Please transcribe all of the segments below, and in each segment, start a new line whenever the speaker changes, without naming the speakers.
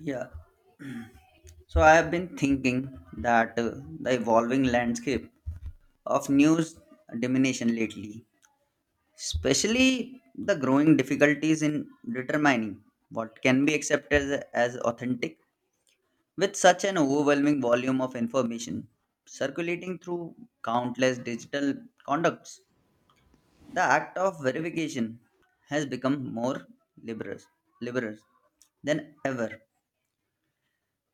Yeah. So I have been thinking that the evolving landscape of news domination lately, especially the growing difficulties in determining what can be accepted as authentic with such an overwhelming volume of information circulating through countless digital conducts. The act of verification has become more liberous, liberous than ever.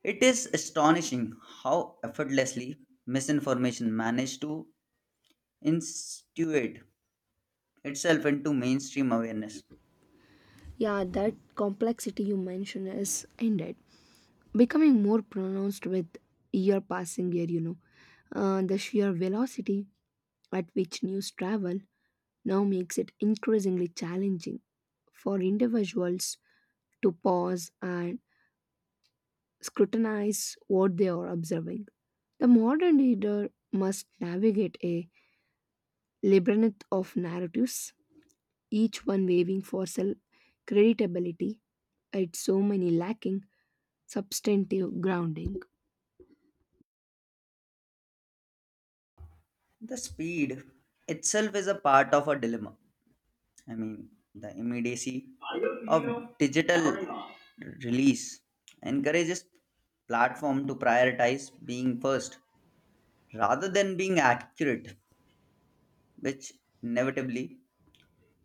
It is astonishing how effortlessly misinformation managed to insinuate itself into mainstream awareness.
Yeah, that complexity you mentioned is ended becoming more pronounced with year passing year. The sheer velocity at which news travel now makes it increasingly challenging for individuals to pause and scrutinize what they are observing. The modern reader must navigate a labyrinth of narratives, each one waving for self creditability, it's so many lacking substantive grounding.
The speed itself is a part of a dilemma. I mean, the immediacy of digital release encourages platform to prioritize being first rather than being accurate, which inevitably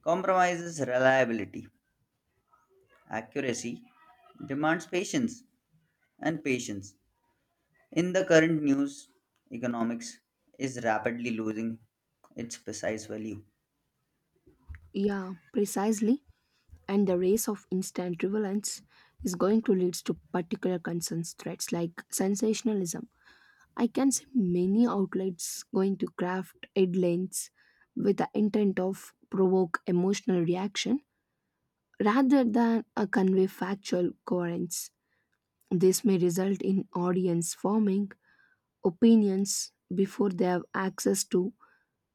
compromises reliability. Accuracy demands patience and patience. In the current news, economics is rapidly losing its precise value.
Yeah, precisely. And the race of instant relevance is going to lead to particular concerns threats like sensationalism. I can see many outlets going to craft headlines with the intent of provoke emotional reaction rather than a convey factual coherence. This may result in audience forming opinions before they have access to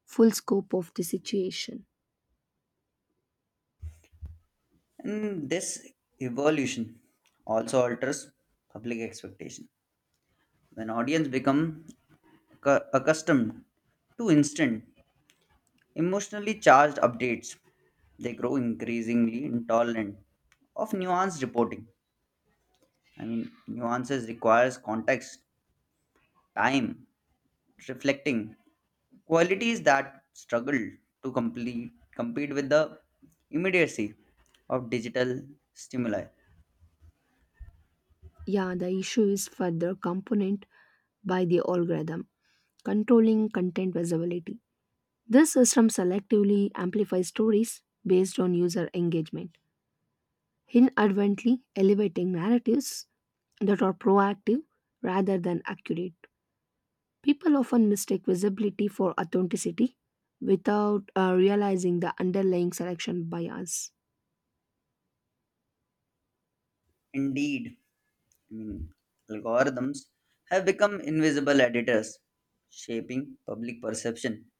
full scope of the situation.
And this evolution also alters public expectation. When audience become accustomed to instant, emotionally charged updates, they grow increasingly intolerant of nuanced reporting. I mean, nuances requires context, time, reflecting, qualities that struggle to compete with the immediacy of digital stimuli.
Yeah, the issue is further component by the algorithm, controlling content visibility. This system selectively amplifies stories based on user engagement, inadvertently elevating narratives that are proactive rather than accurate. People often mistake visibility for authenticity without realizing the underlying selection bias.
Indeed, I mean, algorithms have become invisible editors, shaping public perception.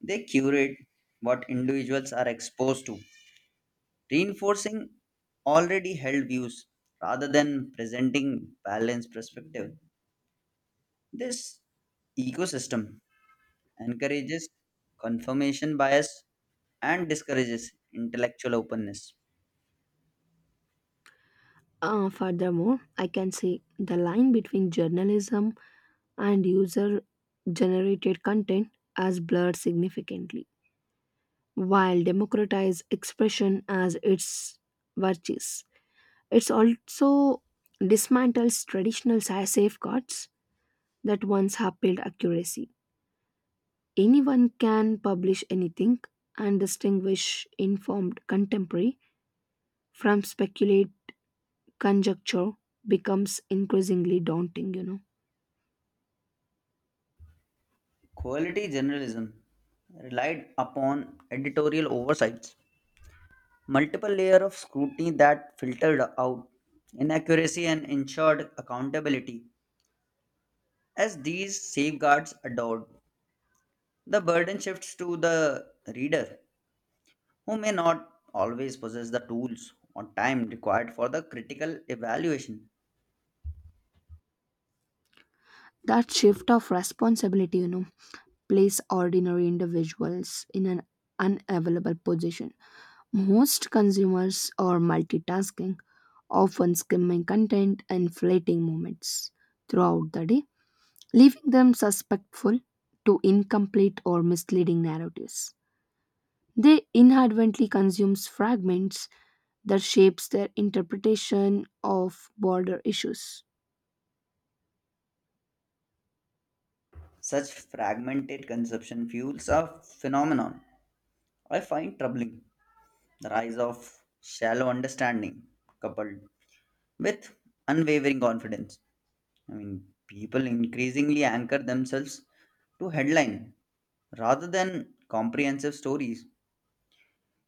They curate what individuals are exposed to, reinforcing already held views rather than presenting balanced perspective. This ecosystem encourages confirmation bias and discourages intellectual openness.
Furthermore, I can say the line between journalism and user generated content has blurred significantly, while democratized expression as its virtues. It's also dismantles traditional safeguards that once upheld accuracy. Anyone can publish anything and distinguish informed contemporary from speculate conjecture becomes increasingly daunting.
Quality journalism relied upon editorial oversights, multiple layers of scrutiny that filtered out inaccuracy and ensured accountability. As these safeguards adored, the burden shifts to the reader, who may not always possess the tools or time required for the critical evaluation.
That shift of responsibility, place ordinary individuals in an unavailable position. Most consumers are multitasking, often skimming content and fleeting moments throughout the day, leaving them susceptible to incomplete or misleading narratives. They inadvertently consume fragments that shapes their interpretation of border issues.
Such fragmented conception fuels a phenomenon I find troubling, the rise of shallow understanding coupled with unwavering confidence. I mean, people increasingly anchor themselves to headline rather than comprehensive stories.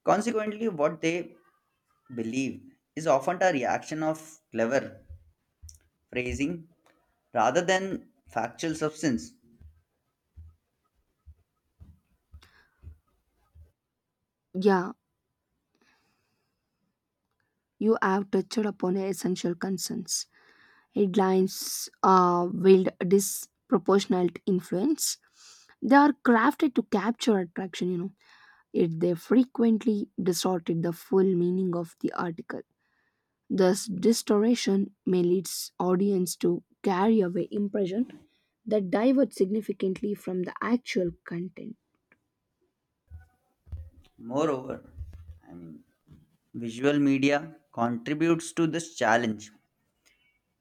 Consequently, what they believe is often a reaction of clever phrasing rather than factual substance.
Yeah, you have touched upon essential concerns. Headlines wield disproportionate influence. They are crafted to capture attraction, yet they frequently distorted the full meaning of the article. Thus, distortion may lead audience to carry away impression that divert significantly from the actual content.
Moreover, I mean, visual media contributes to this challenge.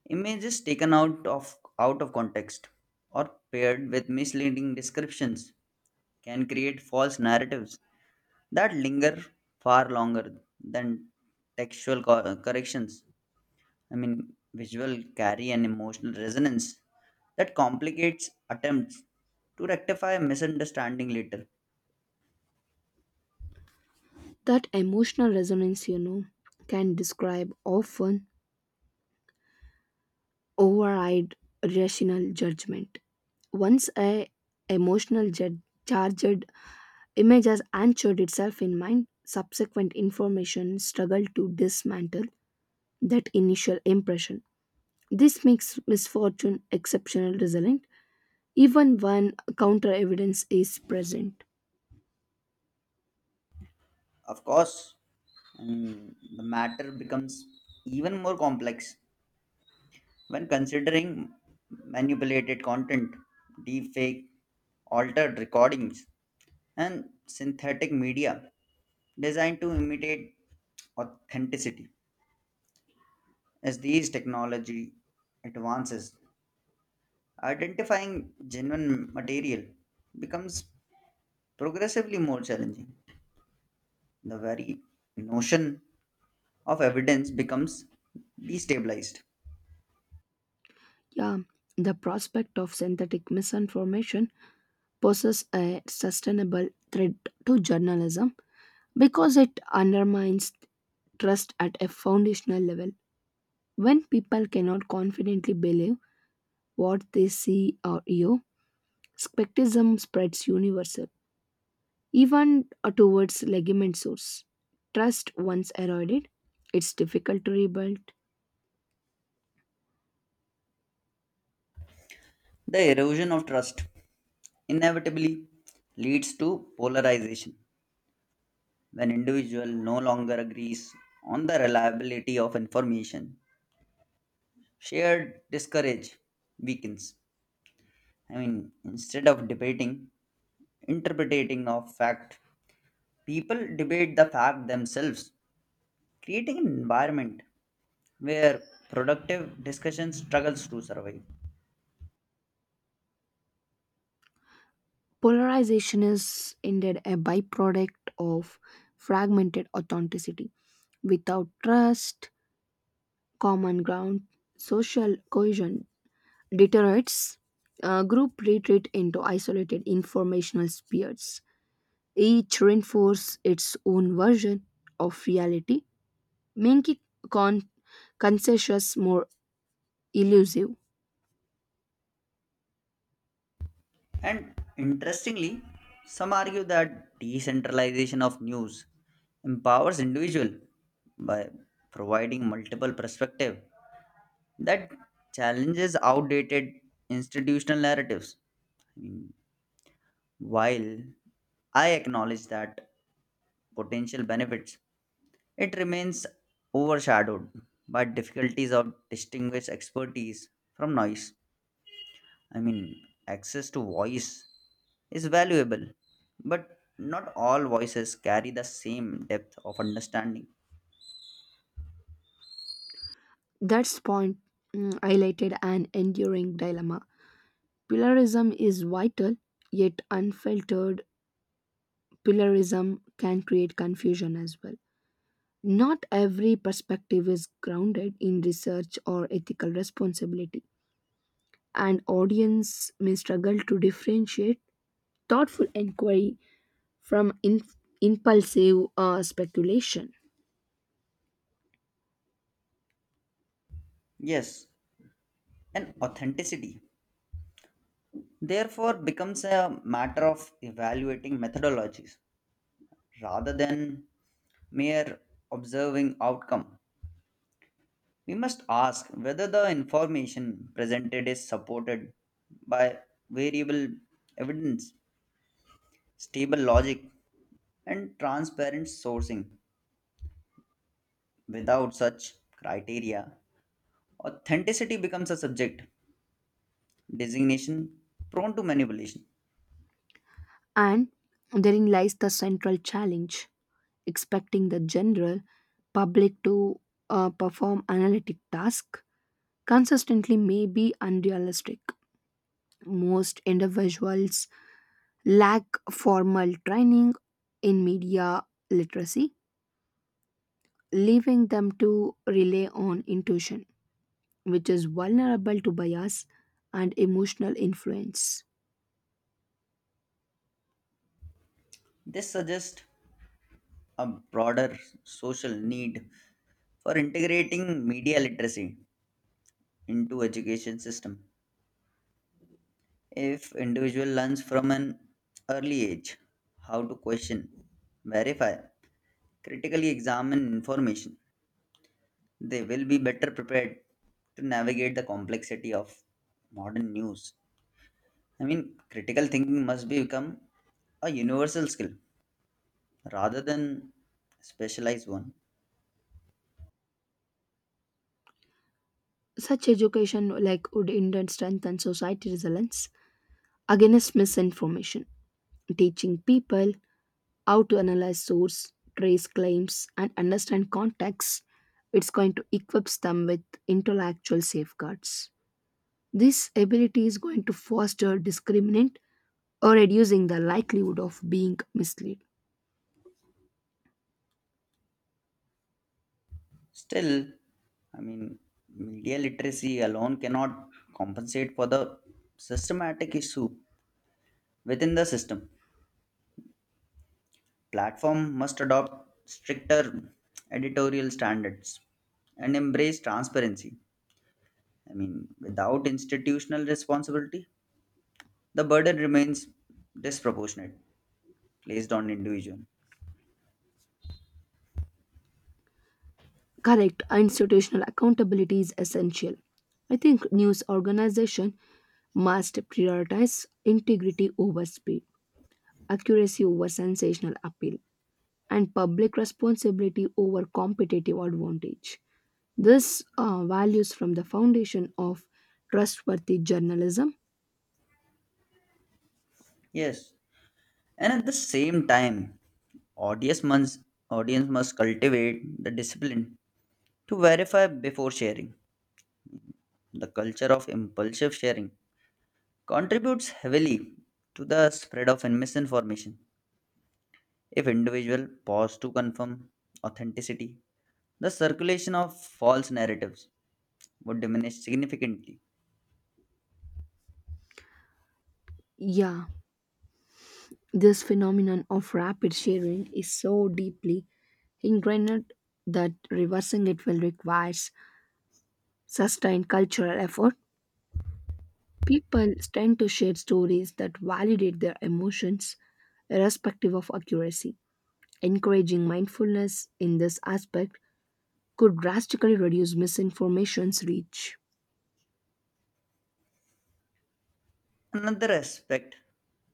Images taken out of context or paired with misleading descriptions can create false narratives that linger far longer than textual corrections. I mean, visual carry an emotional resonance that complicates attempts to rectify a misunderstanding later.
That emotional resonance, can describe often override rational judgment. Once a emotional charged image has anchored itself in mind, subsequent information struggle to dismantle that initial impression. This makes misfortune exceptional resilient, even when counter evidence is present.
Of course, and the matter becomes even more complex when considering manipulated content, deepfake, altered recordings, and synthetic media designed to imitate authenticity. As these technology advances, identifying genuine material becomes progressively more challenging. The very notion of evidence becomes destabilized.
Yeah, the prospect of synthetic misinformation poses a sustainable threat to journalism because it undermines trust at a foundational level. When people cannot confidently believe what they see or hear, skepticism spreads universal, even towards legitimate source. Trust once eroded, it's difficult to rebuild.
The erosion of trust inevitably leads to polarization. When individual no longer agrees on the reliability of information shared, discourage weakens. I mean, instead of debating interpreting of fact, people debate the fact themselves, creating an environment where productive discussion struggles to survive.
Polarization is indeed a byproduct of fragmented authenticity. Without trust, common ground, social cohesion deteriorates, group retreat into isolated informational spheres, each reinforce its own version of reality, making con- consensus more elusive.
And interestingly, some argue that decentralization of news empowers individual by providing multiple perspective that challenges outdated institutional narratives. I mean, while I acknowledge that potential benefits, it remains overshadowed by difficulties of distinguish expertise from noise. I mean, access to voice is valuable, but not all voices carry the same depth of understanding.
That's point, highlighted an enduring dilemma. Pillarism is vital, yet unfiltered pillarism can create confusion as well. Not every perspective is grounded in research or ethical responsibility. And audience may struggle to differentiate thoughtful inquiry from impulsive speculation.
Yes, and authenticity therefore becomes a matter of evaluating methodologies rather than mere observing outcome. We must ask whether the information presented is supported by variable evidence, stable logic, and transparent sourcing. Without such criteria, authenticity becomes a subject designation prone to manipulation.
And therein lies the central challenge, expecting the general public to perform analytic tasks consistently may be unrealistic. Most individuals lack formal training in media literacy, leaving them to rely on intuition which is vulnerable to bias and emotional influence.
This suggests a broader social need for integrating media literacy into education system. If individual learns from an early age how to question, verify, critically examine information, they will be better prepared to navigate the complexity of modern news. I mean, critical thinking must be become a universal skill rather than a specialized one.
Such education like would in turn strengthen society resilience against misinformation, teaching people how to analyze source, trace claims, and understand context. It's going to equip them with intellectual safeguards. This ability is going to foster discriminant or reducing the likelihood of being misled.
Still, I mean, media literacy alone cannot compensate for the systematic issue within the system. Platform must adopt stricter editorial standards and embrace transparency. I mean, without institutional responsibility, the burden remains disproportionate placed on individual.
Correct, institutional accountability is essential. I think news organization must prioritize integrity over speed, accuracy over sensational appeal, and public responsibility over competitive advantage. This values from the foundation of trustworthy journalism.
Yes, and at the same time, audience must audience must cultivate the discipline to verify before sharing. The culture of impulsive sharing contributes heavily to the spread of misinformation. If individual pause to confirm authenticity, the circulation of false narratives would diminish significantly.
Yeah, this phenomenon of rapid sharing is so deeply ingrained that reversing it will require sustained cultural effort. People tend to share stories that validate their emotions, irrespective of accuracy. Encouraging mindfulness in this aspect could drastically reduce misinformation's reach.
Another aspect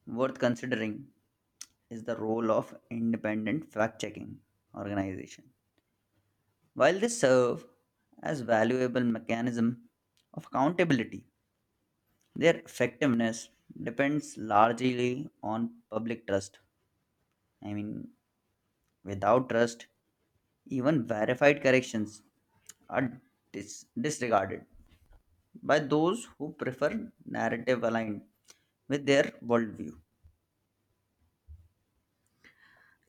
worth considering is the role of independent fact checking organization. While they serve as valuable mechanism of accountability, their effectiveness depends largely on public trust. I mean, without trust, even verified corrections are disregarded. By those who prefer narrative aligned with their worldview.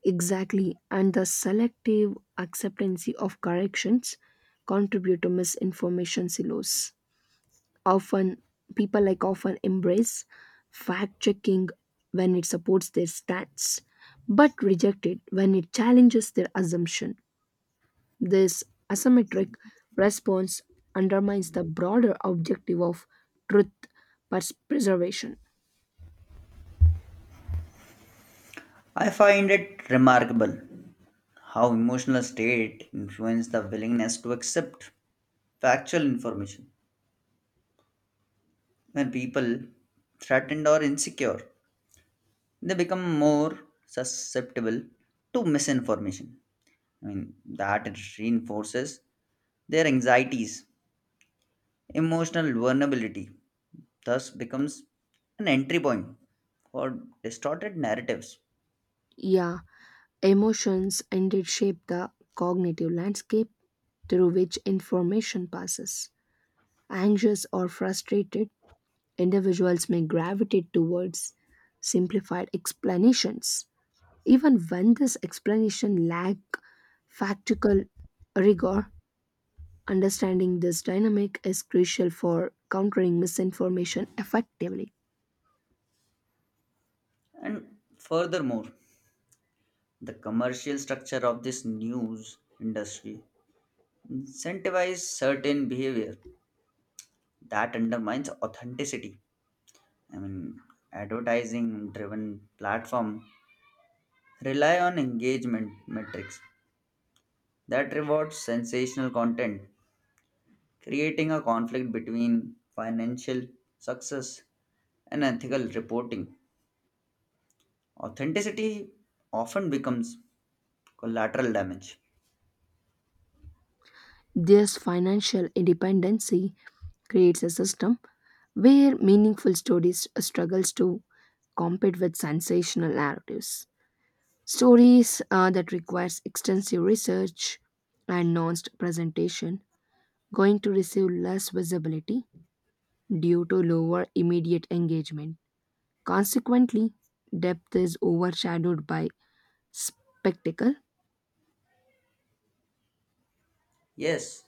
Exactly, and the selective acceptance of corrections contribute to misinformation silos. Often, people like often embrace fact checking when it supports their stance, but reject it when it challenges their assumption. This asymmetric response undermines the broader objective of truth preservation.
I find it remarkable how emotional state influence the willingness to accept factual information. When people threatened or insecure, they become more susceptible to misinformation. I mean, that reinforces their anxieties. Emotional vulnerability thus becomes an entry point for distorted narratives.
Yeah, emotions indeed shape the cognitive landscape through which information passes. Anxious or frustrated, individuals may gravitate towards simplified explanations. Even when this explanation lack factual rigor, understanding this dynamic is crucial for countering misinformation effectively.
And furthermore, the commercial structure of this news industry incentivizes certain behavior that undermines authenticity. I mean, advertising driven platform rely on engagement metrics that reward sensational content, creating a conflict between financial success and ethical reporting. Authenticity often becomes collateral damage.
This financial independency creates a system where meaningful stories struggles to compete with sensational narratives. Stories that requires extensive research and nuanced presentation going to receive less visibility due to lower immediate engagement. Consequently, depth is overshadowed by spectacle.
Yes,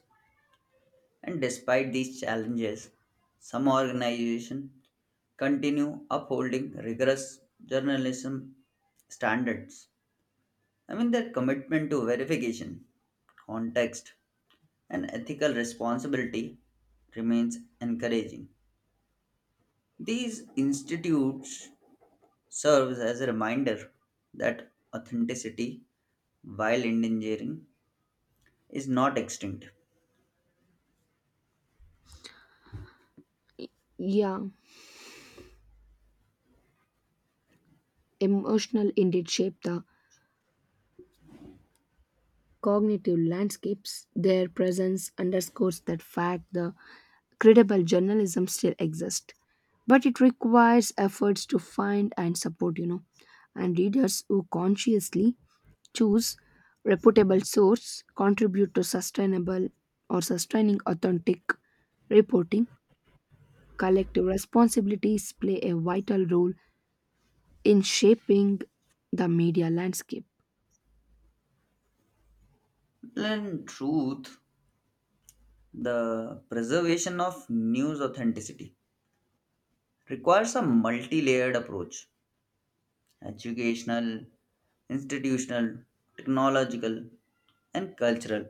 and despite these challenges, some organizations continue upholding rigorous journalism standards. I mean, their commitment to verification, context, and ethical responsibility remains encouraging. These institutes serves as a reminder that authenticity, while endangering, is not extinct.
Yeah. Emotional indeed shape the cognitive landscapes. Their presence underscores that fact the credible journalism still exists. But it requires efforts to find and support. And readers who consciously choose reputable source contribute to sustainable or sustaining authentic reporting. Collective responsibilities play a vital role in shaping the media landscape.
And truth, the preservation of news authenticity requires a multi layered approach, educational, institutional, technological, and cultural.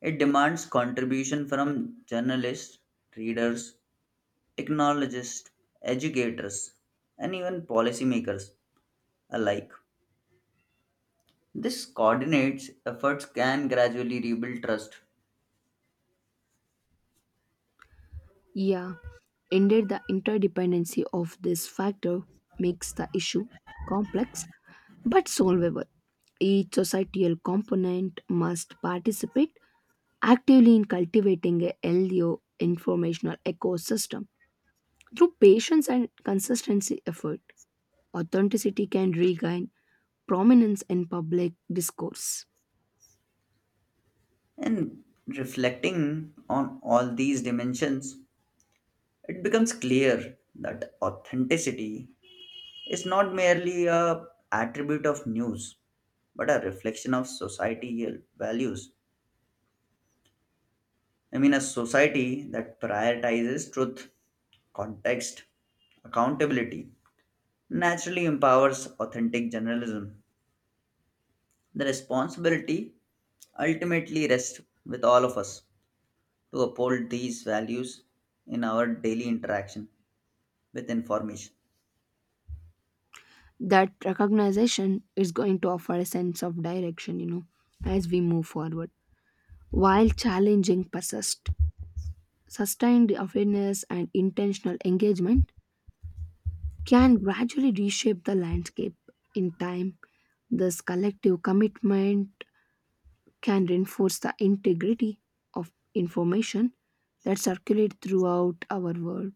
It demands contribution from journalists, readers, technologists, educators, and even policymakers alike. This coordinates efforts can gradually rebuild trust.
Yeah. Indeed, the interdependency of this factor makes the issue complex but solvable. Each societal component must participate actively in cultivating a healthy informational ecosystem. Through patience and consistency effort, authenticity can regain prominence in public discourse.
And reflecting on all these dimensions, it becomes clear that authenticity is not merely a attribute of news but a reflection of societal values. I mean, a society that prioritizes truth, context, accountability naturally empowers authentic journalism. The responsibility ultimately rests with all of us to uphold these values in our daily interaction with information.
That recognition is going to offer a sense of direction, as we move forward, while challenging persist. Sustained awareness and intentional engagement can gradually reshape the landscape. In time, this collective commitment can reinforce the integrity of information that circulates throughout our world.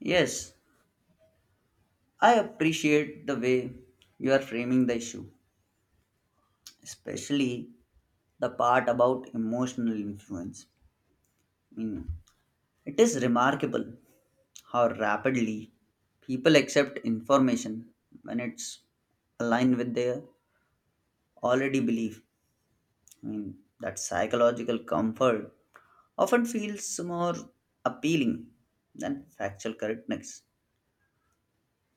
Yes, I appreciate the way you are framing the issue, especially the part about emotional influence. I mean, it is remarkable how rapidly people accept information when it's aligned with their already belief. I mean, that psychological comfort often feels more appealing than factual correctness.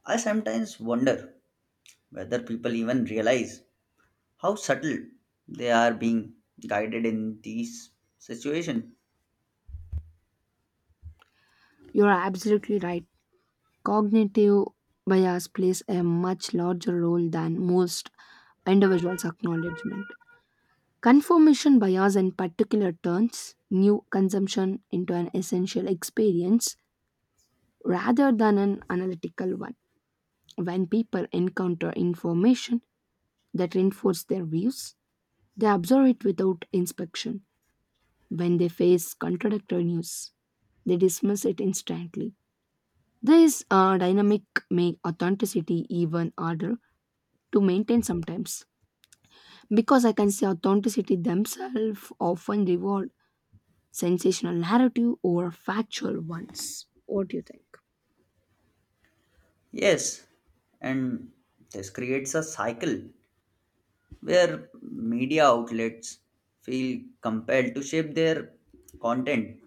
I sometimes wonder whether people even realize how subtle they are being guided in these situations.
You are absolutely right. Cognitive bias plays a much larger role than most individuals' acknowledgement. Confirmation bias, in particular, turns new consumption into an essential experience rather than an analytical one. When people encounter information that reinforces their views, they absorb it without inspection. When they face contradictory news, they dismiss it instantly. This dynamic makes authenticity even harder to maintain sometimes because I can say authenticity themselves often reward sensational narrative over factual ones. What do you think?
Yes, and this creates a cycle where media outlets feel compelled to shape their content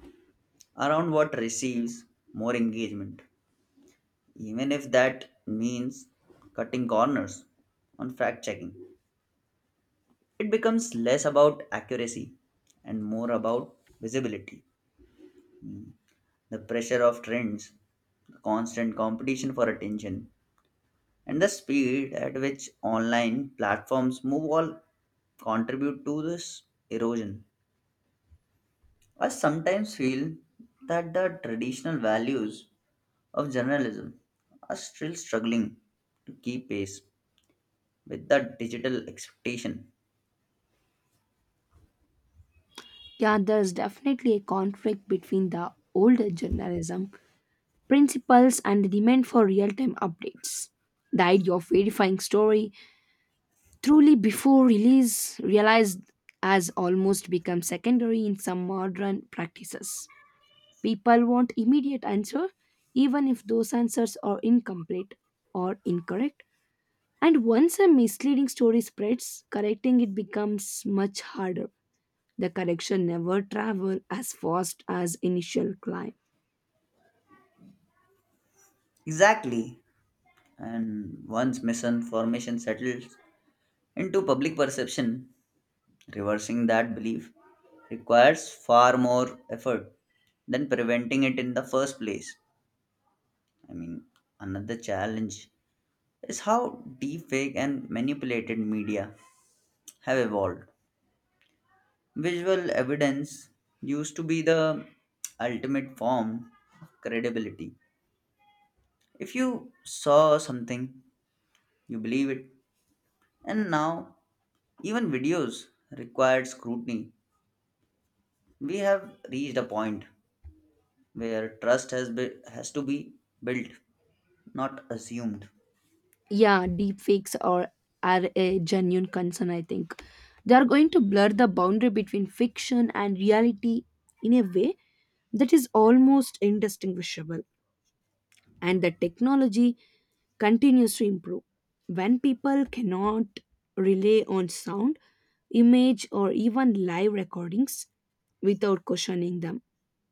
around what receives more engagement, even if that means cutting corners on fact checking. It becomes less about accuracy and more about visibility. The pressure of trends, the constant competition for attention, and the speed at which online platforms move all contribute to this erosion. I sometimes feel that the traditional values of journalism are still struggling to keep pace with the digital expectation.
Yeah, there's definitely a conflict between the older journalism principles and the demand for real time updates. The idea of verifying story truly before release realized has almost become secondary in some modern practices. People want immediate answer even if those answers are incomplete or incorrect. And once a misleading story spreads, correcting it becomes much harder. The correction never travel as fast as initial climb.
Exactly. And once misinformation settles into public perception, reversing that belief requires far more effort than preventing it in the first place. I mean, another challenge is how deepfake and manipulated media have evolved. Visual evidence used to be the ultimate form of credibility. If you saw something, you believe it. And now, even videos require scrutiny. We have reached a point where trust has to be built, not assumed.
Yeah, deep fakes are a genuine concern, I think. They are going to blur the boundary between fiction and reality in a way that is almost indistinguishable. And the technology continues to improve. When people cannot rely on sound, image, or even live recordings without questioning them,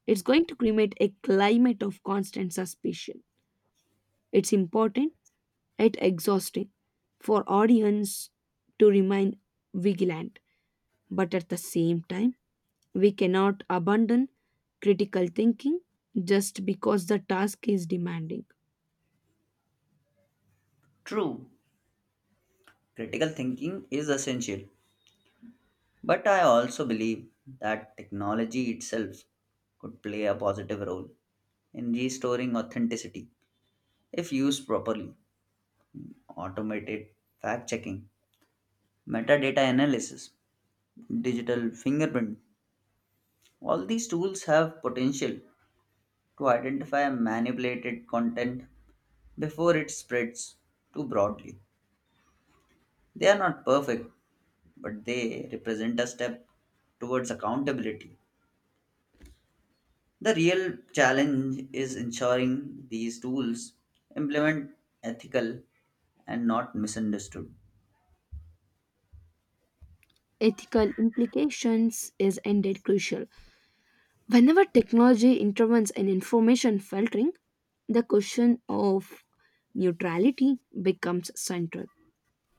it's going to create a climate of constant suspicion. It's important yet exhausting for audience to remain vigilant, but at the same time, we cannot abandon critical thinking just because the task is demanding.
True, critical thinking is essential, but I also believe that technology itself could play a positive role in restoring authenticity if used properly. Automated fact checking, metadata analysis, digital fingerprint, all these tools have potential to identify manipulated content before it spreads too broadly. They are not perfect, but they represent a step towards accountability. The real challenge is ensuring these tools implement ethical and not misunderstood.
Ethical implications is indeed crucial. Whenever technology intervenes in information filtering, the question of neutrality becomes central.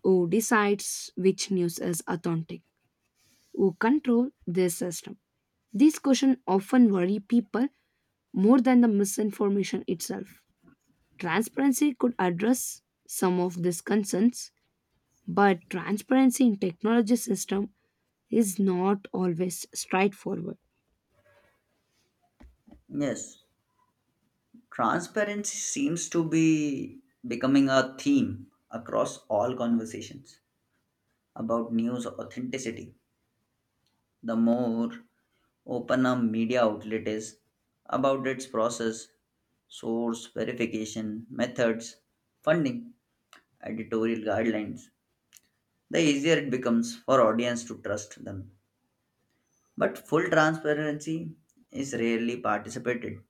Who decides which news is authentic? Who control this system? These questions often worry people more than the misinformation itself. Transparency could address some of these concerns, but transparency in technology system is not always straightforward.
Yes, transparency seems to be becoming a theme across all conversations about news authenticity. The more open a media outlet is about its process, source, verification, methods, funding, editorial guidelines, the easier it becomes for audience to trust them. But full transparency is rarely participated,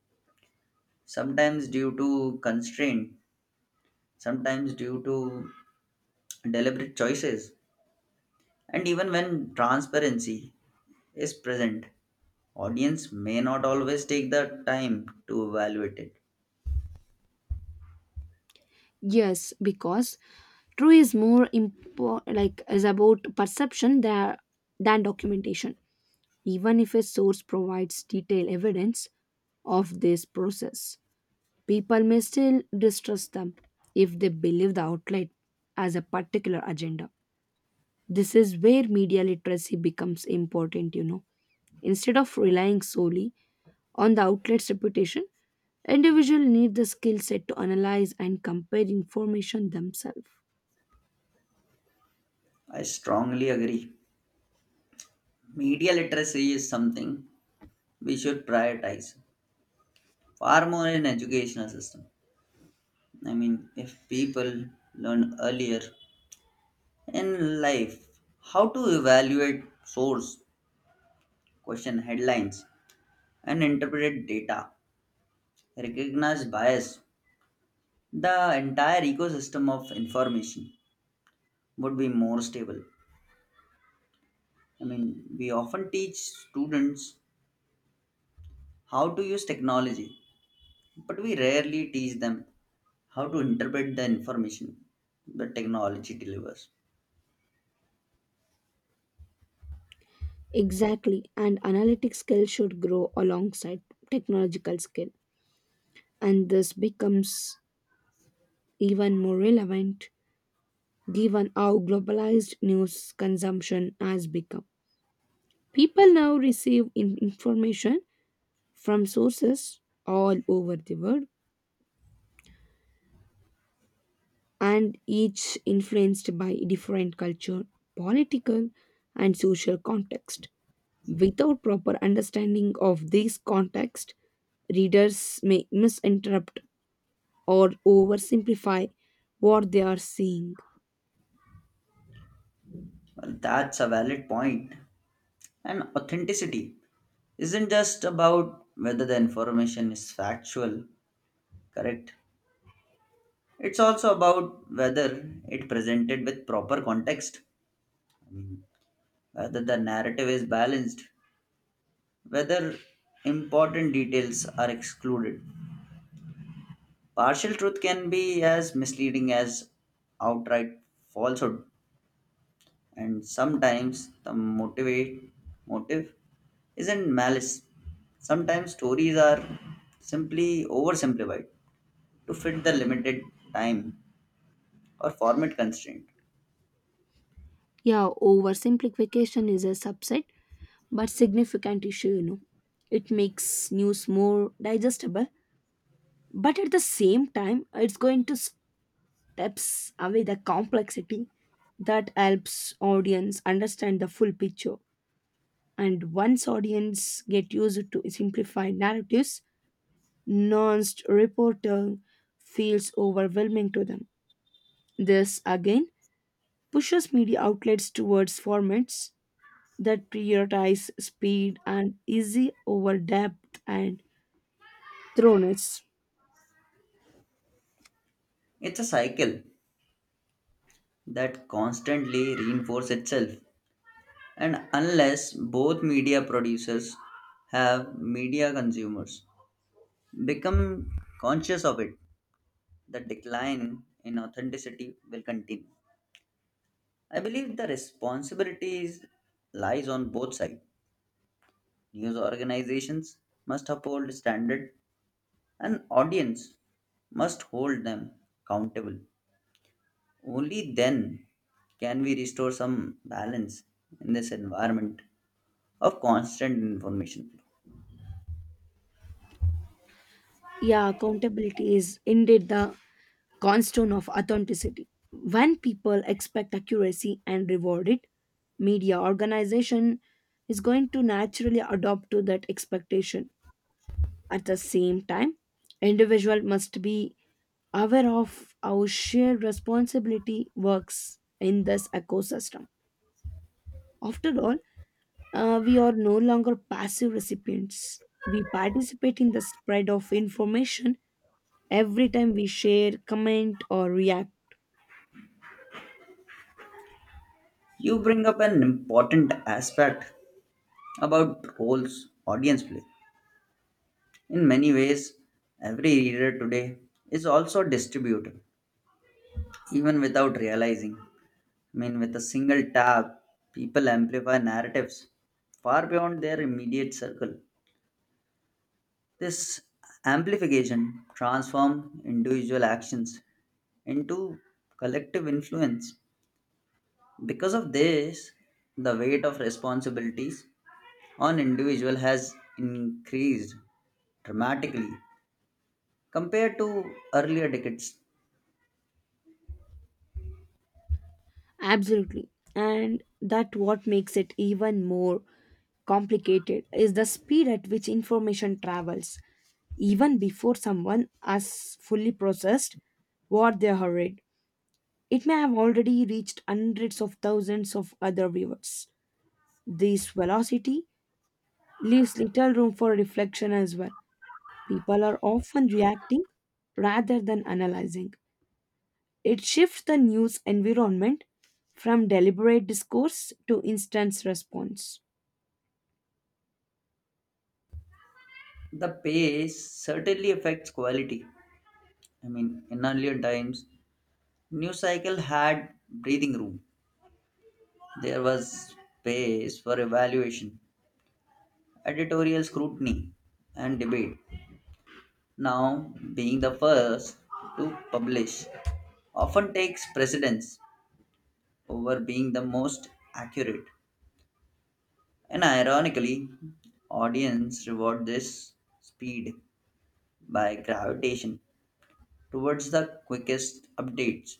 sometimes due to constraint, sometimes due to deliberate choices. And even when transparency is present, audience may not always take the time to evaluate it.
Yes, because true is more like is about perception than documentation. Even if a source provides detailed evidence of this process, people may still distrust them if they believe the outlet has a particular agenda. This is where media literacy becomes important. Instead of relying solely on the outlet's reputation, individuals need the skill set to analyze and compare information themselves.
I strongly agree. Media literacy is something we should prioritize far more in educational system. I mean, if people learn earlier in life how to evaluate source, question headlines, and interpret data, recognize bias, the entire ecosystem of information would be more stable. I mean, we often teach students how to use technology, but we rarely teach them how to interpret the information the technology delivers.
Exactly, and analytic skill should grow alongside technological skill, and this becomes even more relevant given how globalized news consumption has become. People now receive information from sources all over the world, and each influenced by different culture, political, and social context. Without proper understanding of these context, readers may misinterpret or oversimplify what they are seeing.
Well, that's a valid point. And authenticity isn't just about whether the information is factual, correct. It's also about whether it presented with proper context, whether the narrative is balanced, whether important details are excluded. Partial truth can be as misleading as outright falsehood, and sometimes the motivate motive isn't malice. Sometimes stories are simply oversimplified to fit the limited time or format constraint.
Yeah, oversimplification is a subset but significant issue. It makes news more digestible, but at the same time, it's going to steps away the complexity that helps audience understand the full picture. And once audience get used to simplified narratives, nuanced reporting feels overwhelming to them. This again pushes media outlets towards formats that prioritize speed and easy over depth and thoroughness.
It's a cycle that constantly reinforces itself. And unless both media producers have media consumers become conscious of it, the decline in authenticity will continue. I believe the responsibilities lies on both sides. News organizations must uphold standard and audience must hold them accountable. Only then can we restore some balance in this environment of constant information flow.
Yeah, accountability is indeed the cornerstone of authenticity. When people expect accuracy and reward it, media organization is going to naturally adopt to that expectation. At the same time, individual must be aware of how shared responsibility works in this ecosystem. After all, we are no longer passive recipients. We participate in the spread of information every time we share, comment, or react.
You bring up an important aspect about roles audience play. In many ways, every reader today is also distributed, even without realizing. I mean, with a single tap, people amplify narratives far beyond their immediate circle. This amplification transforms individual actions into collective influence. Because of this, the weight of responsibilities on individual has increased dramatically compared to earlier decades.
Absolutely. And that what makes it even more complicated is the speed at which information travels, even before someone has fully processed what they have read. It may have already reached hundreds of thousands of other viewers. This velocity leaves little room for reflection as well. People are often reacting rather than analyzing. It shifts the news environment from deliberate discourse to instant response.
The pace certainly affects quality. I mean, in earlier times, news cycle had breathing room. There was space for evaluation, editorial scrutiny, and debate. Now, being the first to publish often takes precedence over being the most accurate. And ironically, audience reward this speed by gravitation towards the quickest updates.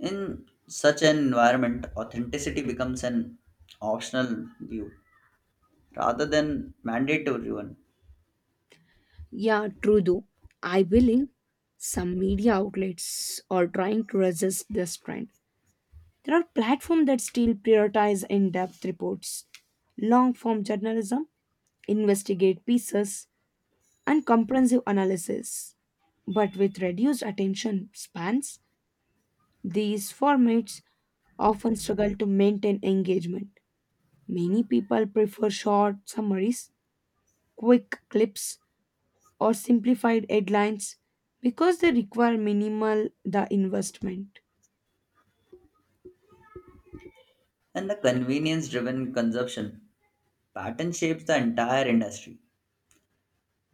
In such an environment, authenticity becomes an optional view rather than mandatory one.
Yeah, true though. I believe some media outlets are trying to resist this trend. There are platforms that still prioritize in depth reports, long form journalism, investigate pieces, and comprehensive analysis. But with reduced attention spans, these formats often struggle to maintain engagement. Many people prefer short summaries, quick clips, or simplified headlines because they require minimal the investment.
And the convenience driven consumption pattern shapes the entire industry.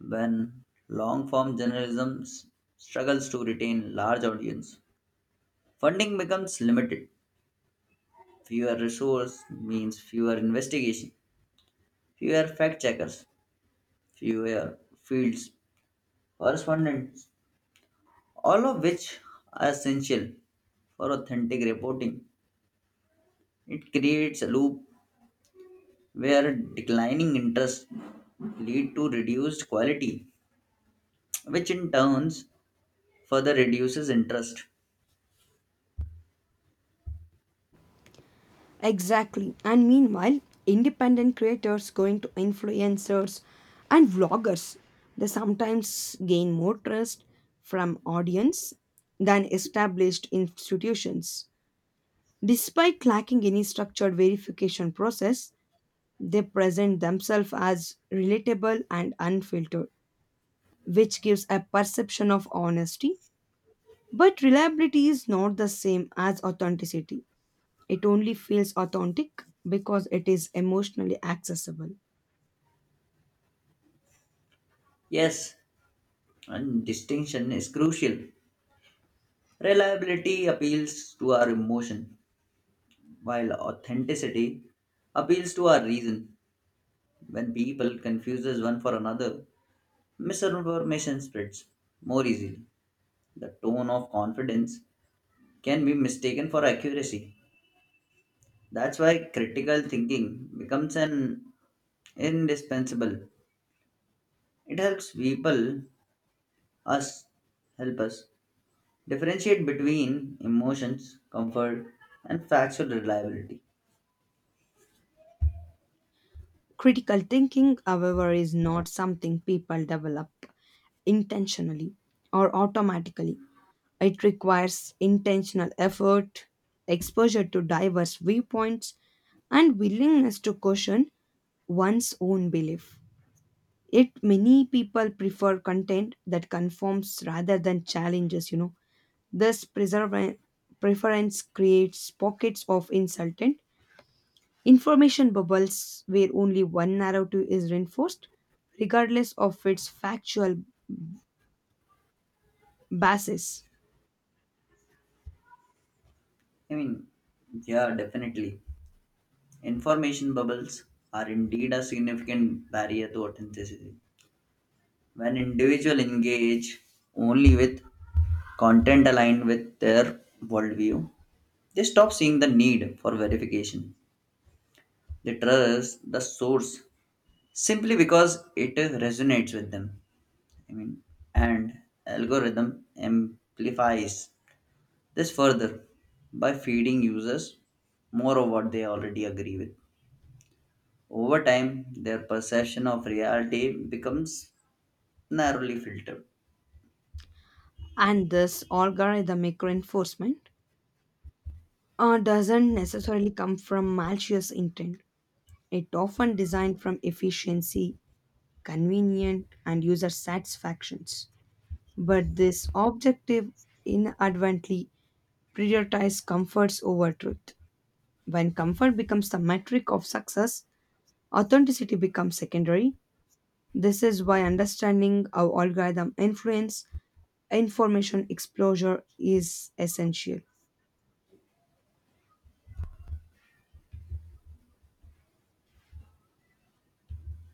When long-form journalism struggles to retain large audience, funding becomes limited. Fewer resources means fewer investigation, fewer fact-checkers, fewer fields correspondents, all of which are essential for authentic reporting. It creates a loop where declining interest lead to reduced quality, which in turns further reduces interest.
Exactly. And meanwhile, independent creators going to influencers and vloggers, they sometimes gain more trust from audience than established institutions. Despite lacking any structured verification process, they present themselves as relatable and unfiltered, which gives a perception of honesty. But reliability is not the same as authenticity. It only feels authentic because it is emotionally accessible.
Yes, and distinction is crucial. Reliability appeals to our emotion, while authenticity appeals to our reason. When people confuses one for another, misinformation spreads more easily. The tone of confidence can be mistaken for accuracy. That's why critical thinking becomes an indispensable. It helps people us help us differentiate between emotions, comfort, and factual reliability.
Critical thinking, however, is not something people develop intentionally or automatically. It requires intentional effort, exposure to diverse viewpoints, and willingness to question one's own belief. Yet many people prefer content that conforms rather than challenges. This preference creates pockets of insultant information bubbles where only one narrative is reinforced, regardless of its factual basis.
I mean, yeah, definitely. Information bubbles are indeed a significant barrier to authenticity. When individuals engage only with content aligned with their worldview, they stop seeing the need for verification. They trust the source simply because it resonates with them. I mean, and algorithm amplifies this further by feeding users more of what they already agree with. Over time, their perception of reality becomes narrowly filtered.
And this algorithmic reinforcement doesn't necessarily come from malicious intent. It often designed from efficiency, convenient, and user satisfactions. But this objective inadvertently prioritizes comforts over truth. When comfort becomes the metric of success, authenticity becomes secondary. This is why understanding how algorithm influence information exposure is essential.